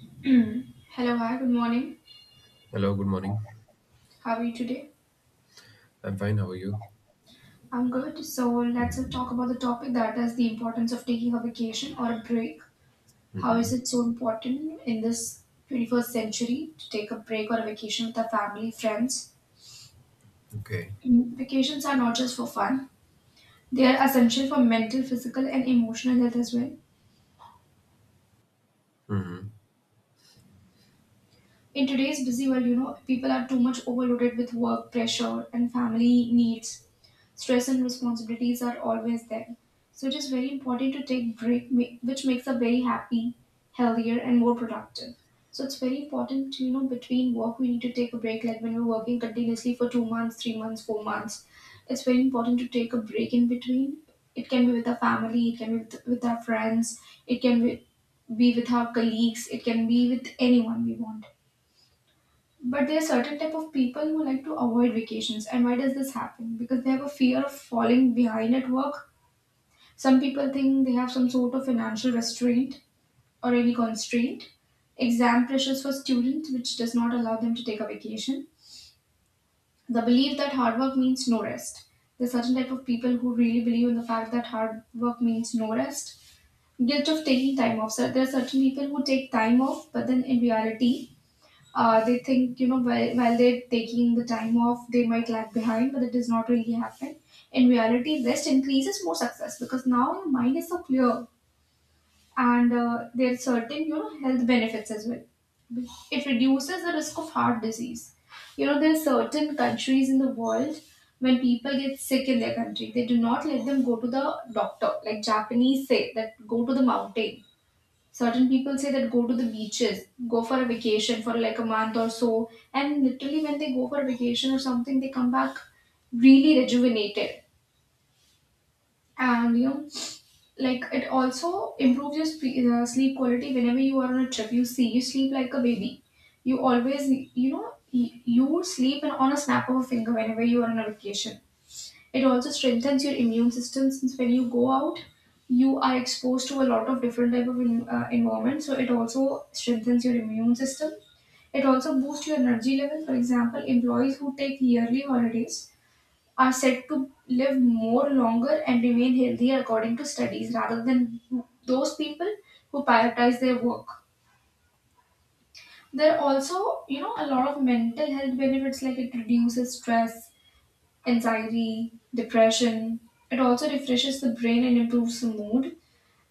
Hello, hi, good morning. Hello, good morning. How are you today? I'm fine. How are you? I'm good. So let's talk about the topic that is the importance of taking a vacation or a break. How is Hmm. it so important in this 21st century to take a break or a vacation with our family, friends? Okay. Vacations are not just for fun, they are essential for mental, physical, and emotional health as well. Hmm. In today's busy world, people are too much overloaded with work pressure and family needs. Stress and responsibilities are always there. So it is very important to take break, which makes us very happy, healthier, and more productive. So it's very important, to, between work we need to take a break. Like when we're working continuously for 2 months, 3 months, 4 months, it's very important to take a break in between. It can be with our family, it can be with our friends, it can be with our colleagues, it can be with anyone we want, but there are certain type of people who like to avoid vacations. And why does this happen? Because they have a fear of falling behind at work. Some people think they have some sort of financial restraint or any constraint. Exam pressures for students, which does not allow them to take a vacation. The belief that hard work means no rest. There are certain type of people who really believe in the fact that hard work means no rest. Guilt of taking time off. So there are certain people who take time off, but then in reality, they think, while they're taking the time off, they might lag behind, but it does not really happen. In reality, rest increases more success because now your mind is so clear, and there are certain, health benefits as well. It reduces the risk of heart disease. You know, there are certain countries in the world when people get sick in their country, they do not let them go to the doctor. Like Japanese say that go to the mountain. Certain people say that go to the beaches, go for a vacation for like a month or so, and literally when they go for a vacation or something, they come back really rejuvenated. And you know, like it also improves your sleep quality whenever you are on a trip. You see, you sleep like a baby. You always, you know, you sleep on a snap of a finger whenever you are on a vacation. It also strengthens your immune system since when you go out, you are exposed to a lot of different type of environment. So it also strengthens your immune system. It also boosts your energy level. For example, employees who take yearly holidays are said to live more longer and remain healthier according to studies rather than those people who prioritize their work. There are also, you know, a lot of mental health benefits like it reduces stress, anxiety, depression. It also refreshes the brain and improves the mood.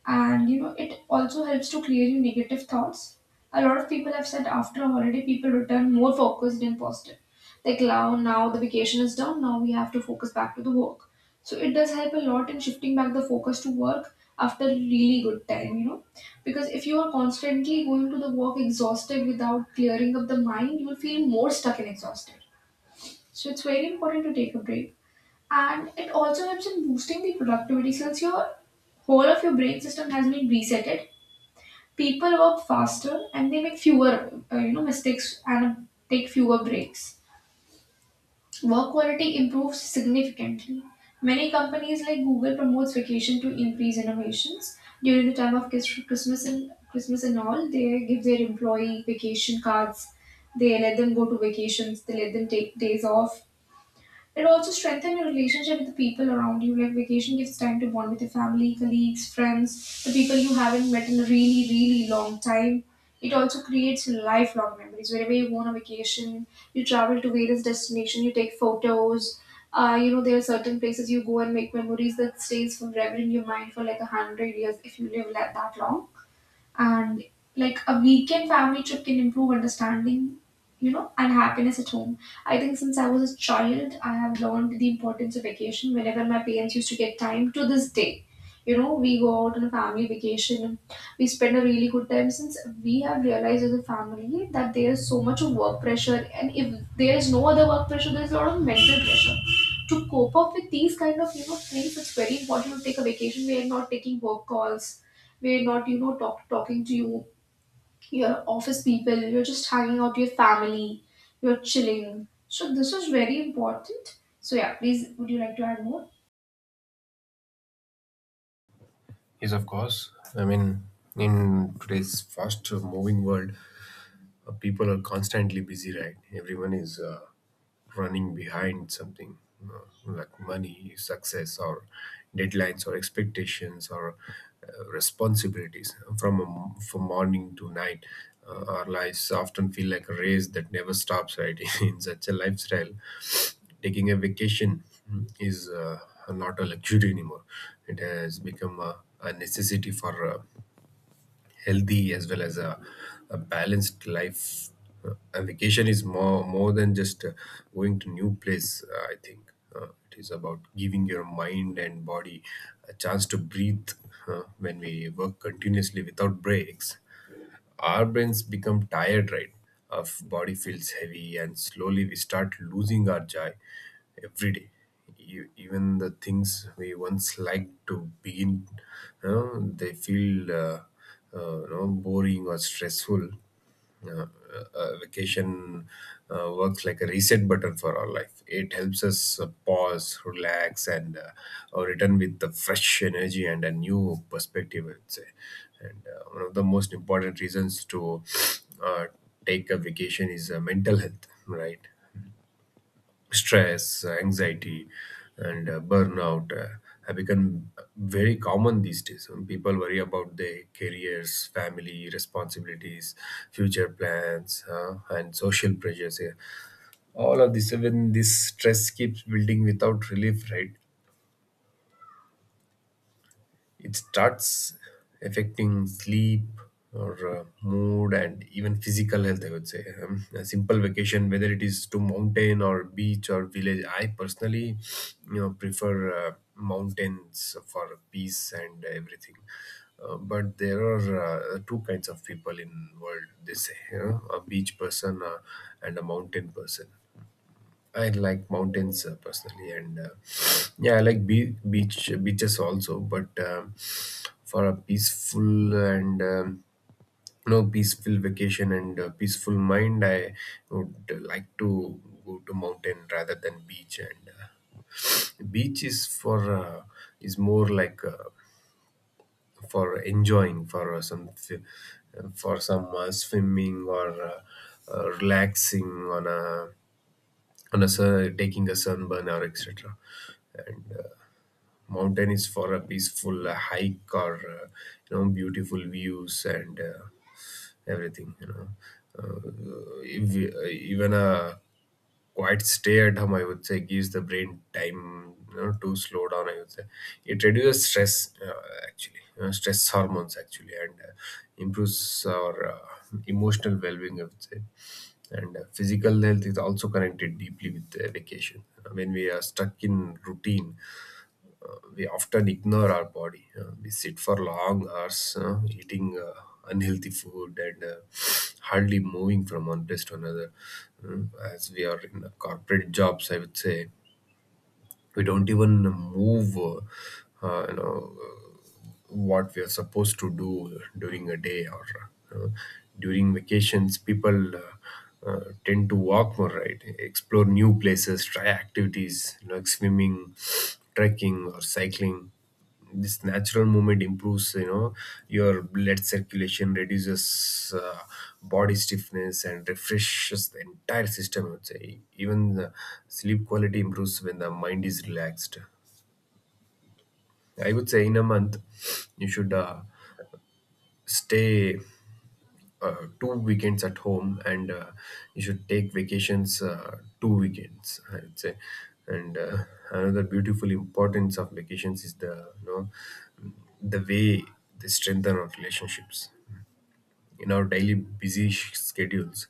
And you know, it also helps to clear your negative thoughts. A lot of people have said after a holiday, people return more focused and positive. Like now the vacation is done. Now we have to focus back to the work. So it does help a lot in shifting back the focus to work after a really good time. You know, because if you are constantly going to the work exhausted without clearing up the mind, you will feel more stuck and exhausted. So it's very important to take a break, and it also helps in boosting the productivity since your whole of your brain system has been resetted. People work faster and they make fewer mistakes and take fewer breaks. Work quality improves significantly. Many companies like Google promotes vacation to increase innovations. During the time of Christmas, and all, they give their employee vacation cards. They let them go to vacations, they let them take days off. It also strengthens your relationship with the people around you. Like vacation gives time to bond with your family, colleagues, friends, the people you haven't met in a really, really long time. It also creates lifelong memories. Whenever you go on a vacation, you travel to various destinations, you take photos. You know, there are certain places you go and make memories that stays forever in your mind for like a hundred years if you live like that long. And like a weekend family trip can improve understanding you know and happiness at home. I think since I was a child, I have learned the importance of vacation. Whenever my parents used to get time, to this day, you know, we go out on a family vacation. We spend a really good time since we have realized as a family that there is so much of work pressure, and if there is no other work pressure, there is a lot of mental pressure. To cope up with these kind of, you know, things, it's very important to take a vacation. We are not taking work calls, we're not, you know, talking to you your office people, you're just hanging out with your family, you're chilling, so this is very important. So yeah, please, would you like to add more? Yes, of course. I mean, in today's fast moving world, people are constantly busy, right? Everyone is running behind something, uh, like money, success, or deadlines, or expectations, or responsibilities. From morning to night, our lives often feel like a race that never stops, right? In such a lifestyle, taking a vacation is not a luxury anymore. It has become a necessity for healthy as well as a balanced life. A vacation is more than just going to new place. I think, it is about giving your mind and body a chance to breathe. When we work continuously without breaks, our brains become tired, right? Our body feels heavy, and slowly we start losing our joy every day. Even the things we once liked to begin, they feel, boring or stressful. uh, Vacation works like a reset button for our life. It helps us pause, relax, and, return with the fresh energy and a new perspective, I would say. And one of the most important reasons to uh, take a vacation is, mental health, right? Stress, anxiety, and burnout have become very common these days. People worry about their careers, family responsibilities, future plans, and social pressures. Yeah. All of this, even this stress keeps building without relief, right? It starts affecting sleep or, mood and even physical health, I would say. A simple vacation, whether it is to mountain or beach or village, I personally, you know, prefer mountains for peace and everything. But there are two kinds of people in world. They say, you know, a beach person and a mountain person. I like mountains personally, and yeah, I like beaches also. But for a peaceful and, you know, peaceful vacation and peaceful mind, I would like to go to mountain rather than beach. And beach is for, is more like, for enjoying, for some swimming, or, relaxing on a sun, taking a sunburn or etc. And mountain is for a peaceful hike or, you know, beautiful views and everything. You know, uh, if, even a quite stay at home, I would say, gives the brain time, you know, to slow down, I would say. It reduces stress, actually, stress hormones actually, and improves our emotional well-being, I would say. And physical health is also connected deeply with vacation when we are stuck in routine. We often ignore our body. We sit for long hours, eating unhealthy food, and hardly moving from one place to another. As we are in corporate jobs, I would say, we don't even move. Uh, you know. uh, what we are supposed to do during a day, or uh, during vacations people uh, tend to walk more, right? Explore new places, try activities like swimming, trekking or cycling. This natural movement improves, you know, your blood circulation, reduces body stiffness, and refreshes the entire system, I would say. Even the sleep quality improves when the mind is relaxed, I would say. In a month you should stay 2 weekends at home, and you should take vacations 2 weekends, I would say. And another beautiful importance of vacations is the, you know, the way they strengthen our relationships in our daily busy schedules.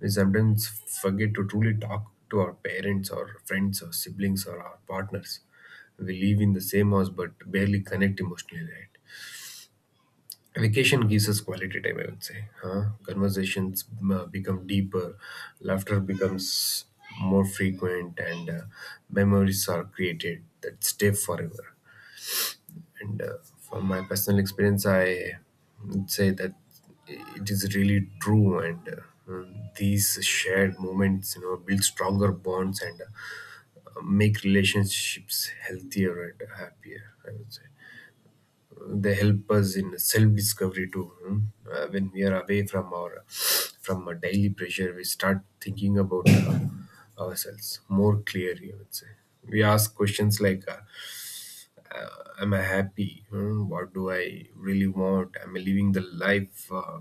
We sometimes forget to truly talk to our parents or friends or siblings or our partners. We live in the same house but barely connect emotionally, right? Vacation gives us quality time, I would say. Huh? Conversations become deeper, laughter becomes more frequent, and memories are created that stay forever. And from my personal experience, I would say that it is really true. And these shared moments, you know, build stronger bonds and make relationships healthier and happier, I would say. They help us in self discovery too. Hmm? When we are away from our from a daily pressure, we start thinking about ourselves more clearly, I would say. We ask questions like, am I happy? Hmm, what do I really want? Am I living the life,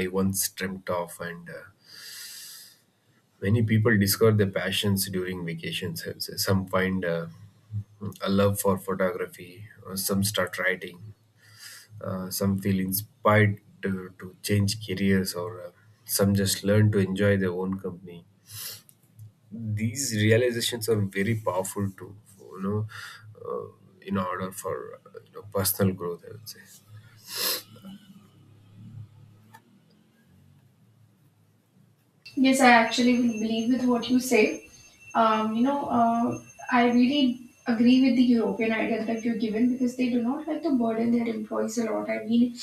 I once dreamt of? And many people discover their passions during vacations, I would say. Some find a love for photography. Some start writing. Some feel inspired to change careers, or some just learn to enjoy their own company. These realizations are very powerful too, you know, uh, in order for, you know, personal growth, I would say. Yes, I actually will believe with what you say. Um, you know, uh, I really agree with the European idea that you're given because they do not like to burden their employees a lot. I mean,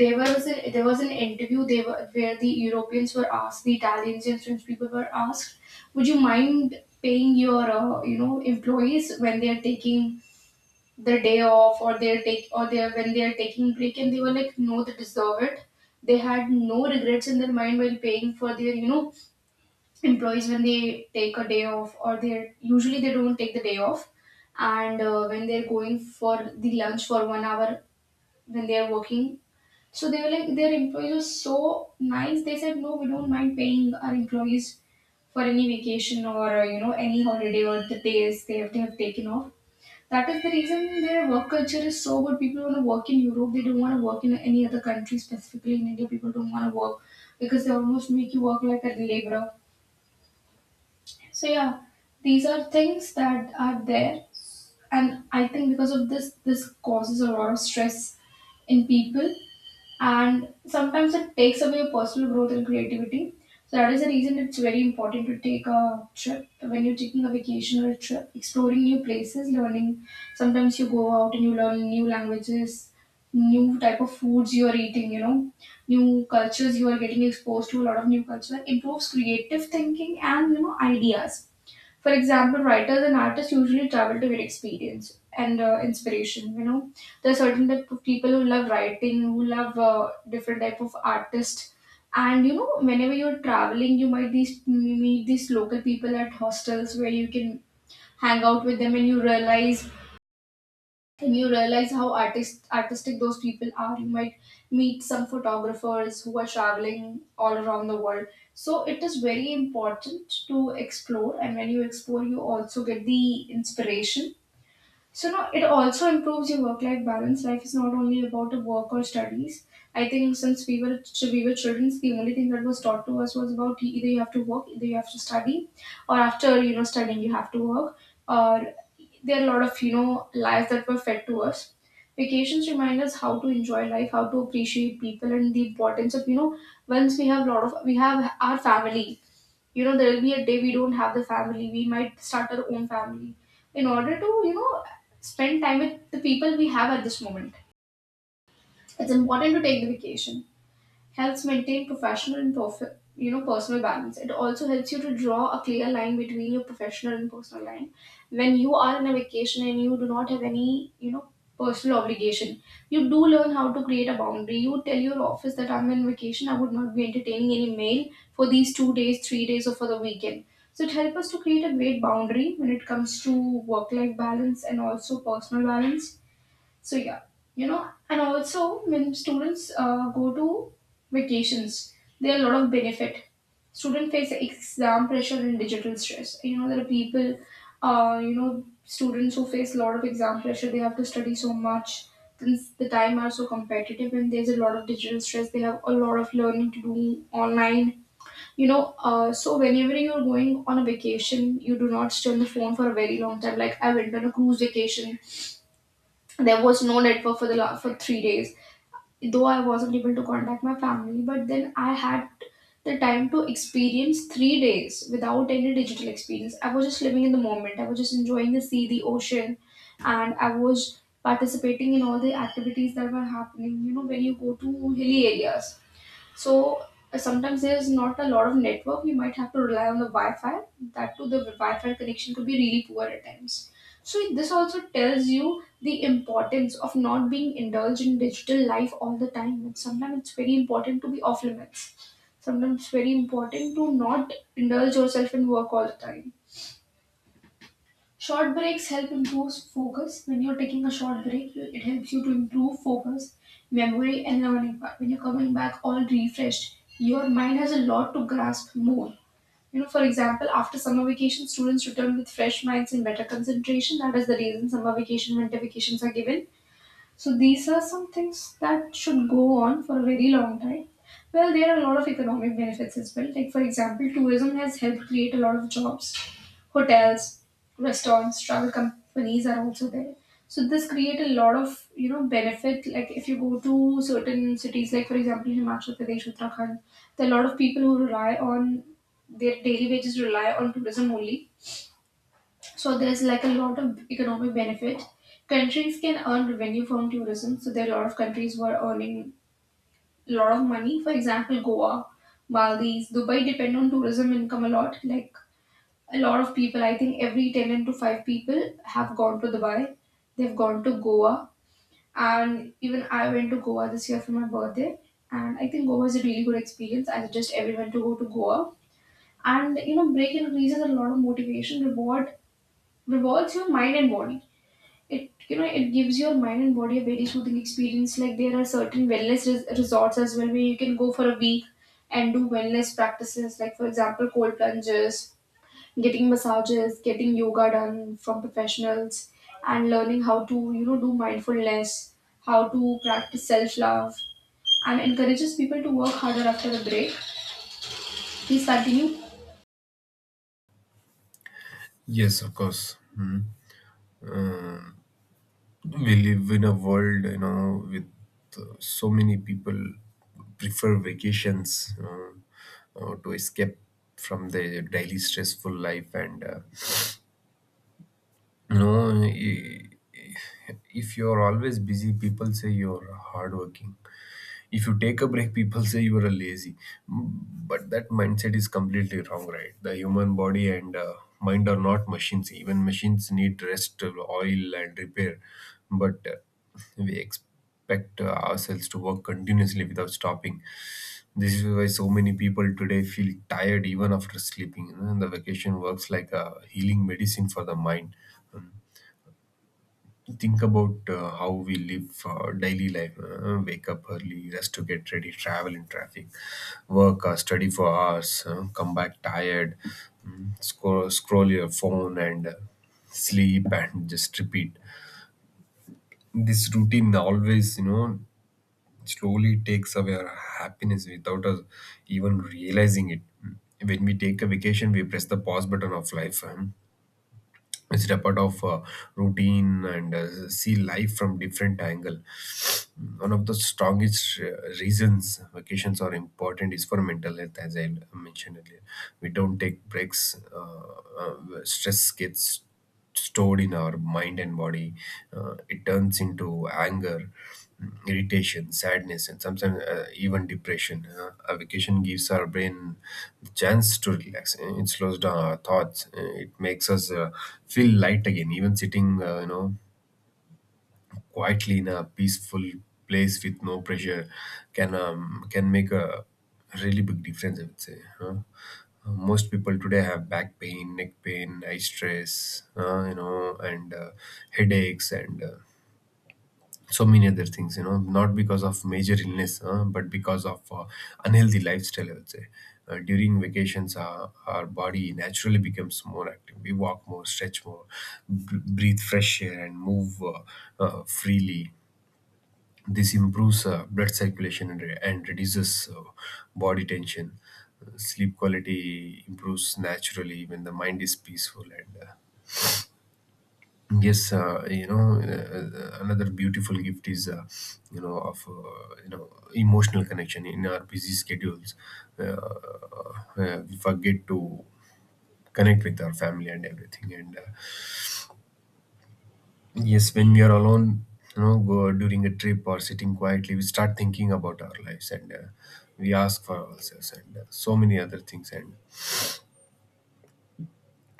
there was an interview they were where the Europeans were asked, the Italians and French people were asked, would you mind paying your you know, employees when they are taking the day off, or they're take or they're, when they are taking break? And they were like, no, they deserve it. They had no regrets in their mind while paying for their, you know, employees when they take a day off, or they usually they don't take the day off. And when they're going for the lunch for 1 hour, when they are working. So they were like, their employees were so nice, they said no, we don't mind paying our employees for any vacation or, you know, any holiday or the days they have to have taken off. That is the reason their work culture is so good. People want to work in Europe, they don't want to work in any other country. Specifically in India, people don't want to work because they almost make you work like a laborer. So yeah, these are things that are there, and I think because of this, this causes a lot of stress in people, and sometimes it takes away your personal growth and creativity. So that is the reason it's very important to take a trip. When you're taking a vacation or a trip, exploring new places, learning. Sometimes you go out and you learn new languages, new type of foods you are eating. You know, new cultures you are getting exposed to. A lot of new culture improves creative thinking and, you know, ideas. For example, writers and artists usually travel to get experience and, inspiration. You know, there are certain type of people who love writing, who love, different type of artists. And you know, whenever you're traveling, you might these meet these local people at hostels where you can hang out with them, and you realize how artistic those people are. You might meet some photographers who are traveling all around the world. So it is very important to explore, and when you explore you also get the inspiration. So now it also improves your work-life balance. Life is not only about the work or studies. I think since we were we were children, the only thing that was taught to us was about either you have to work, either you have to study, or after, you know, studying you have to work. Or there are a lot of, you know, lies that were fed to us. Vacations remind us how to enjoy life, how to appreciate people, and the importance of, you know, once we have a lot of, we have our family, you know, there will be a day we don't have the family, we might start our own family. In order to, you know, spend time with the people we have at this moment, it's important to take the vacation. Helps maintain professional and you know, personal balance. It also helps you to draw a clear line between your professional and personal line. When you are in a vacation and you do not have any, you know, personal obligation, you do learn how to create a boundary. You tell your office that I'm in vacation. I would not be entertaining any mail for these 2 days, 3 days, or for the weekend. So it helps us to create a great boundary when it comes to work-life balance and also personal balance, so yeah, you know, and also when students go to vacations, there are a lot of benefit. Student face exam pressure and digital stress. You know, there are people, students who face a lot of exam pressure. They have to study so much. Since the time are so competitive and there's a lot of digital stress, they have a lot of learning to do online. So whenever you're going on a vacation, you do not stay on the phone for a very long time. Like I went on a cruise vacation, there was no network for for 3 days. Though I wasn't able to contact my family, but then I had the time to experience 3 days without any digital experience. I was just living in the moment. I was just enjoying the sea, the ocean, and I was participating in all the activities that were happening. You know, when you go to hilly areas, so sometimes there's not a lot of network. You might have to rely on the Wi-Fi. That too, the Wi-Fi connection could be really poor at times. So this also tells you the importance of not being indulged in digital life all the time. And sometimes it's very important to be off limits. Sometimes it's very important to not indulge yourself in work all the time. Short breaks help improve focus. When you're taking a short break, it helps you to improve focus, memory, and learning. But when you're coming back all refreshed, your mind has a lot to grasp more. You know, for example, after summer vacation, students return with fresh minds and better concentration. That is the reason summer vacation, winter vacations are given, so these are some things that should go on for a very long time. Well, there are a lot of economic benefits as well. Like, for example, tourism has helped create a lot of jobs. Hotels, restaurants, travel companies are also there. So this create a lot of, you know, benefit. Like if you go to certain cities, like for example Himachal Pradesh, Uttarakhand, there are a lot of people who rely on their daily wages, rely on tourism only, so there's like a lot of economic benefit. Countries can earn revenue from tourism. So there are a lot of countries who are earning a lot of money. For example, Goa, Maldives, Dubai depend on tourism income a lot. Like a lot of people, I think every 10 and to 5 people have gone to Dubai. They've gone to Goa. And even I went to Goa this year for my birthday. And I think Goa is a really good experience. I suggest everyone to go to Goa. And you know, break increases a lot of motivation, rewards your mind and body. It, you know, it gives your mind and body a very soothing experience. Like there are certain wellness resorts as well, where you can go for a week and do wellness practices, like for example cold plunges, getting massages, getting yoga done from professionals, and learning how to, you know, do mindfulness, how to practice self love, and encourages people to work harder after the break. Please continue. Yes, of course. Mhm. Um, we live in a world, you know, with so many people prefer vacations, to escape from their daily stressful life, and, you know, if you're always busy, people say you're hardworking. If you take a break, people say you are lazy. But that mindset is completely wrong, right? The human body and mind are not machines. Even machines need rest, oil, and repair. But we expect ourselves to work continuously without stopping. This is why so many people today feel tired even after sleeping. You know, and the vacation works like a healing medicine for the mind. Hmm. Think about how we live daily life. Wake up early, rest to get ready, travel in traffic, work, study for hours, come back tired, scroll your phone, and sleep, and just repeat. This routine always, you know, slowly takes away our happiness without us even realizing it. When we take a vacation, we press the pause button of life. It's a part of routine, and see life from different angle. One of the strongest reasons vacations are important is for mental health, as I mentioned earlier. We don't take breaks. uh, uh, Stress gets stored in our mind and body. It turns into anger, irritation, sadness, and sometimes even depression. A vacation gives our brain the chance to relax. It slows down our thoughts. It makes us feel light again. Even sitting, you know, quietly in a peaceful place with no pressure can make a really big difference, I would say. Huh? Most people today have back pain, neck pain, eye stress, you know, and headaches and, so many other things, you know, not because of major illness, but because of unhealthy lifestyle, I would say. During vacations, our body naturally becomes more active. We walk more, stretch more, breathe fresh air, and move, freely. This improves blood circulation and reduces body tension. Sleep quality improves naturally when the mind is peaceful. And yes, you know, another beautiful gift is, you know, of you know, emotional connection in our busy schedules. Uh, we forget to connect with our family and everything, and yes, when we are alone, you know, go during a trip or sitting quietly, we start thinking about our lives, and we ask for ourselves and so many other things. And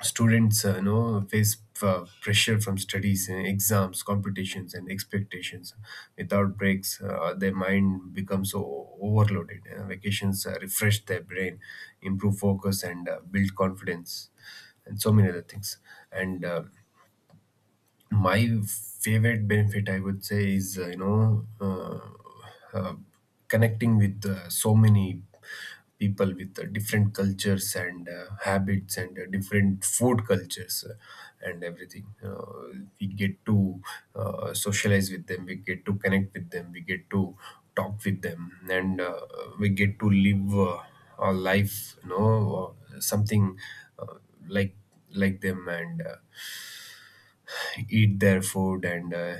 students, you know, face pressure from studies, exams, competitions, and expectations. Without breaks, their mind becomes so overloaded. Vacations refresh their brain, improve focus, and build confidence, and so many other things. And my favorite benefit, I would say, is you know, uh, connecting with so many people with different cultures and habits and different food cultures, and everything. We get to socialize with them, we get to connect with them, we get to talk with them, and we get to live, our life, you know, something, uh, like like them, and eat their food, and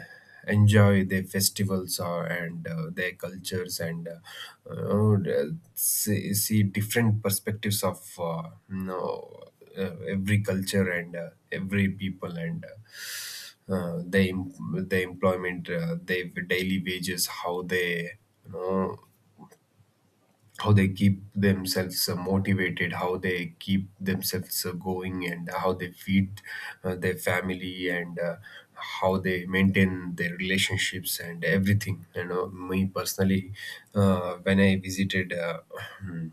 enjoy their festivals, or and their cultures, and see different perspectives of, you know, every culture, and every people, and the employment, their daily wages, how they, you know, how they keep themselves motivated, how they keep themselves going, and how they feed their family, and how they maintain their relationships and everything. You know, me personally, when I visited,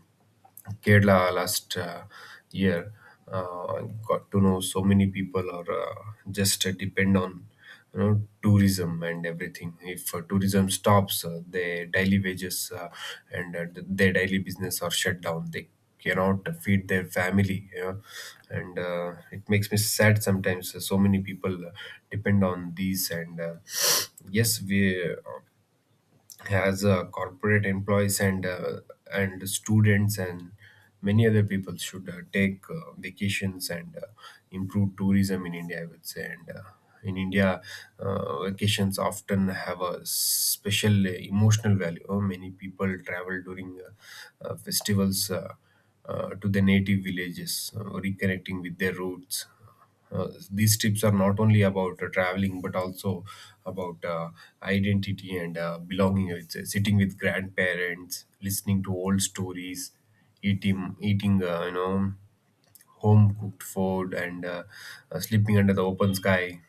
Kerala last year. Uh, got to know so many people, or just depend on, you know, tourism and everything. If tourism stops, their daily wages their daily business are shut down. They cannot feed their family. You know? And It makes me sad sometimes. So many people depend on these and. Yes, we as corporate employees and and students and many other people should take vacations and improve tourism in India, I would say. And In India, vacations often have a special emotional value. Many people travel during festivals, to the native villages, reconnecting with their roots. These trips are not only about traveling but also about identity and belonging. It's sitting with grandparents, listening to old stories, eating home cooked food, and sleeping under the open sky.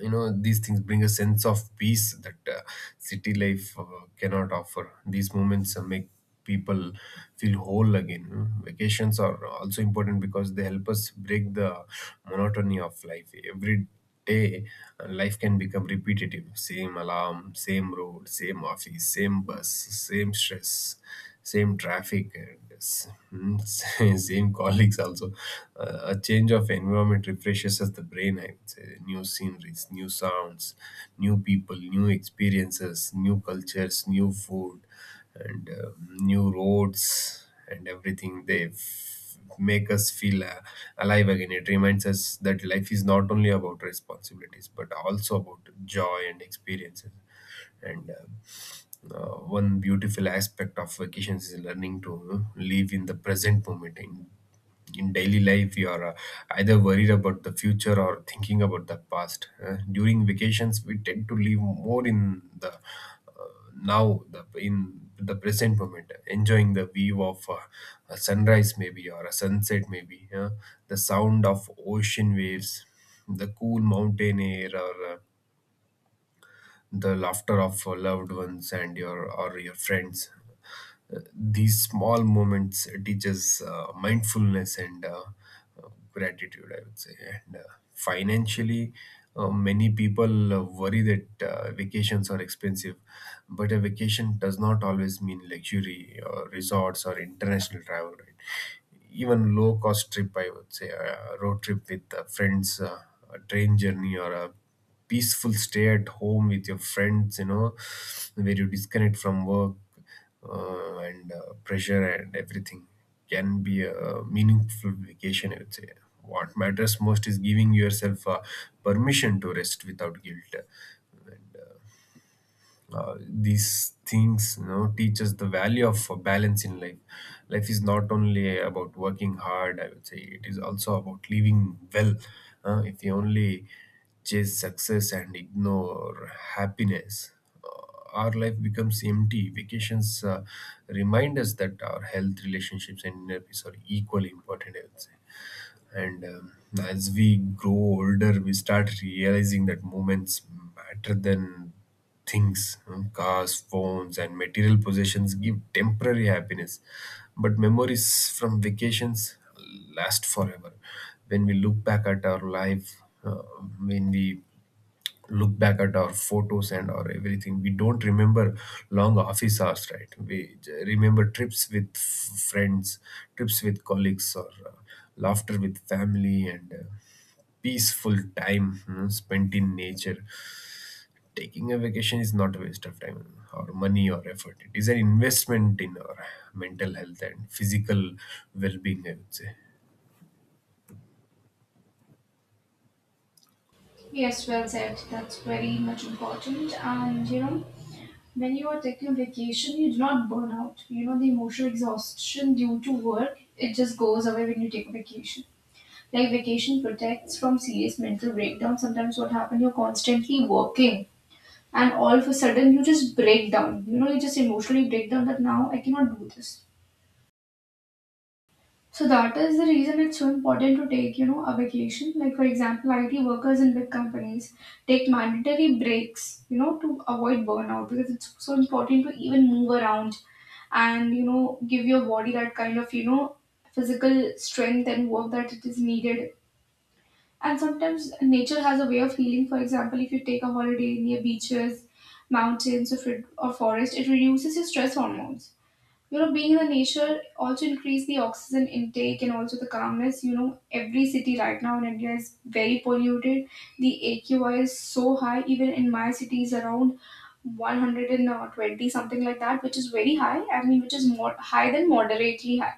You know, these things bring a sense of peace that city life cannot offer. These moments make people feel whole again. You vacations are also important because they help us break the monotony of life. Every day life can become repetitive: same alarm, same road, same office, same bus, same stress, same traffic, same colleagues also. A change of environment refreshes us, the brain, I would say. New sceneries, new sounds, new people, new experiences, new cultures, new food, and new roads, and everything. Make us feel alive again. It reminds us that life is not only about responsibilities, but also about joy and experiences. And One beautiful aspect of vacations is learning to, you know, live in the present moment. In daily life, you are either worried about the future or thinking about the past. During vacations, we tend to live more in the now, the in the present moment, enjoying the view of a sunrise maybe, or a sunset maybe, the sound of ocean waves, the cool mountain air, or the laughter of loved ones and your, or your friends. These small moments teach us mindfulness and gratitude, I would say. And Financially, many people worry that vacations are expensive, but a vacation does not always mean luxury or resorts or international travel, right? Even low cost trip, I would say, a road trip with friends, a train journey, or a peaceful stay at home with your friends, you know, where you disconnect from work and pressure and everything, can be a meaningful vacation, I would say. What matters most is giving yourself permission to rest without guilt. These things, you know, teach us the value of balance in life. Life is not only about working hard, I would say, it is also about living well. If you only chase success and ignore happiness, uh, our life becomes empty. Vacations remind us that our health, relationships, and inner peace are equally important, I would say. And As we grow older, we start realizing that moments matter than things. Cars, phones, and material possessions give temporary happiness, but memories from vacations last forever. When we look back at our life, when we look back at our photos and our everything, we don't remember long office hours, right? We remember trips with friends, trips with colleagues, or laughter with family, and peaceful time spent in nature. Taking a vacation is not a waste of time or money or effort. It is an investment in our mental health and physical well-being, I would say. Yes, well said. That's very much important. And you know, when you are taking a vacation, you do not burn out. You know, the emotional exhaustion due to work, it just goes away when you take a vacation. Like vacation protects from serious mental breakdown. Sometimes what happens, you're constantly working and all of a sudden you just break down. You know, you just emotionally break down that now I cannot do this. So that is the reason it's so important to take, you know, a vacation. Like for example, IT workers in big companies take mandatory breaks, you know, to avoid burnout, because it's so important to even move around and, you know, give your body that kind of, you know, physical strength and work that it is needed. And sometimes nature has a way of healing. For example, if you take a holiday near beaches, mountains, or or forest, it reduces your stress hormones. You know, being in the nature also increase the oxygen intake and also the calmness. You know, every city right now in India is very polluted. The AQI is so high. Even in my city is around 120, something like that, which is very high, I mean, which is more high than moderately high.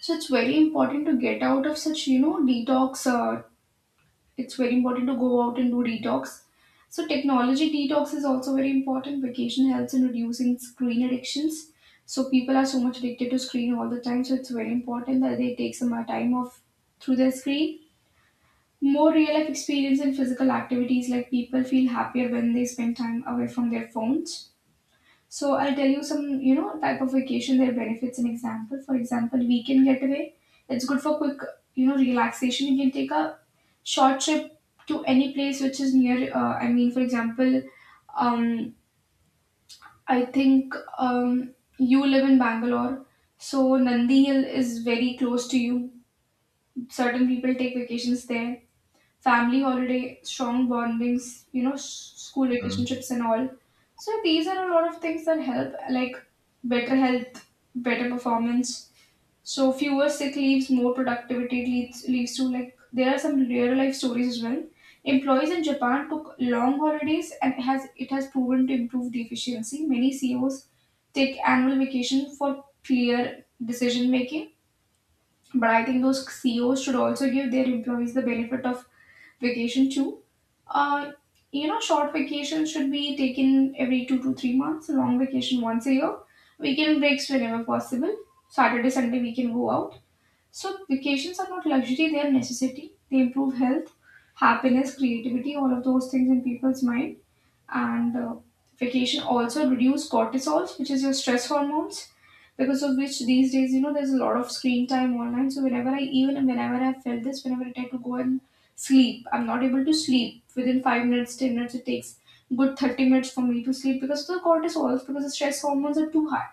So it's very important to get out of such, you know, detox. It's very important to go out and do detox. So technology detox is also very important. Vacation helps in reducing screen addictions. So people are so much addicted to screen all the time. So it's very important that they take some time off through their screen. More real life experience and physical activities, like people feel happier when they spend time away from their phones. So I'll tell you some, you know, type of vacation, their benefits and example. For example, weekend getaway. It's good for quick, you know, relaxation. You can take a short trip to any place which is near. I mean, for example, um, I think you live in Bangalore, so Nandi Hill is very close to you. Certain people take vacations there. Family holiday, strong bondings, you know, school Hmm. relationships and all. So these are a lot of things that help, like better health, better performance. So fewer sick leaves, more productivity. It leads to, like, there are some real life stories as well. Employees in Japan took long holidays and it has proven to improve the efficiency. Many CEOs take annual vacation for clear decision making, but I think those CEOs should also give their employees the benefit of vacation too. Uh, you know, short vacation should be taken every 2 to 3 months, long vacation once a year, weekend breaks whenever possible. Saturday, Sunday, we can go out. So, vacations are not luxury, they are necessity. They improve health, happiness, creativity, all of those things in people's mind. And Vacation also reduce cortisols, which is your stress hormones, because of which these days, you know, there's a lot of screen time online. So whenever I, even whenever I felt this, whenever I try to go and sleep, I'm not able to sleep within 5 minutes, 10 minutes. It takes good 30 minutes for me to sleep because of the cortisols, because the stress hormones are too high.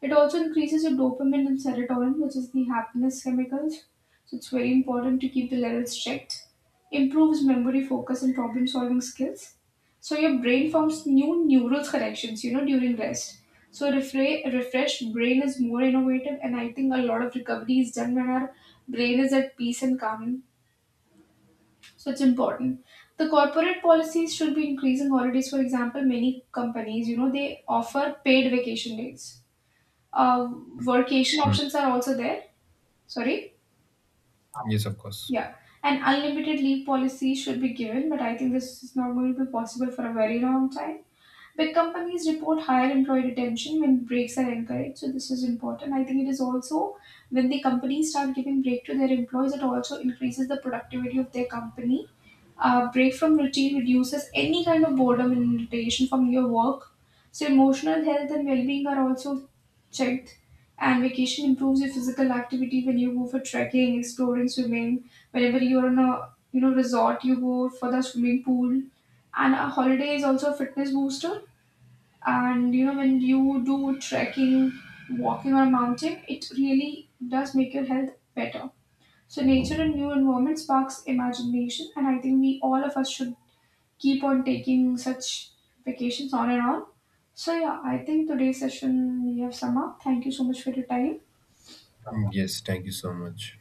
It also increases your dopamine and serotonin, which is the happiness chemicals. So it's very important to keep the levels checked. Improves memory, focus, and problem solving skills. So your brain forms new neural connections, you know, during rest. So refreshed brain is more innovative, and I think a lot of recovery is done when our brain is at peace and calm. So it's important. The corporate policies should be increasing holidays. For example, many companies, you know, they offer paid vacation days. uh, Workation Hmm. options are also there. Sorry. Yes, of course. Yeah. And unlimited leave policy should be given, but I think this is not going to be possible for a very long time. Big companies report higher employee retention when breaks are encouraged, so this is important. I think it is also when the companies start giving break to their employees, it also increases the productivity of their company. A break from routine reduces any kind of boredom and irritation from your work. So emotional health and well-being are also checked. And vacation improves your physical activity when you go for trekking, exploring, swimming. Whenever you're on a, you know, resort, you go for the swimming pool. And a holiday is also a fitness booster. And you know, when you do trekking, walking on a mountain, it really does make your health better. So nature and new environment sparks imagination, and I think we, all of us, should keep on taking such vacations on and on. So yeah, I think today's session we have sum up. Thank you so much for your time. Hmm, yes, thank you so much.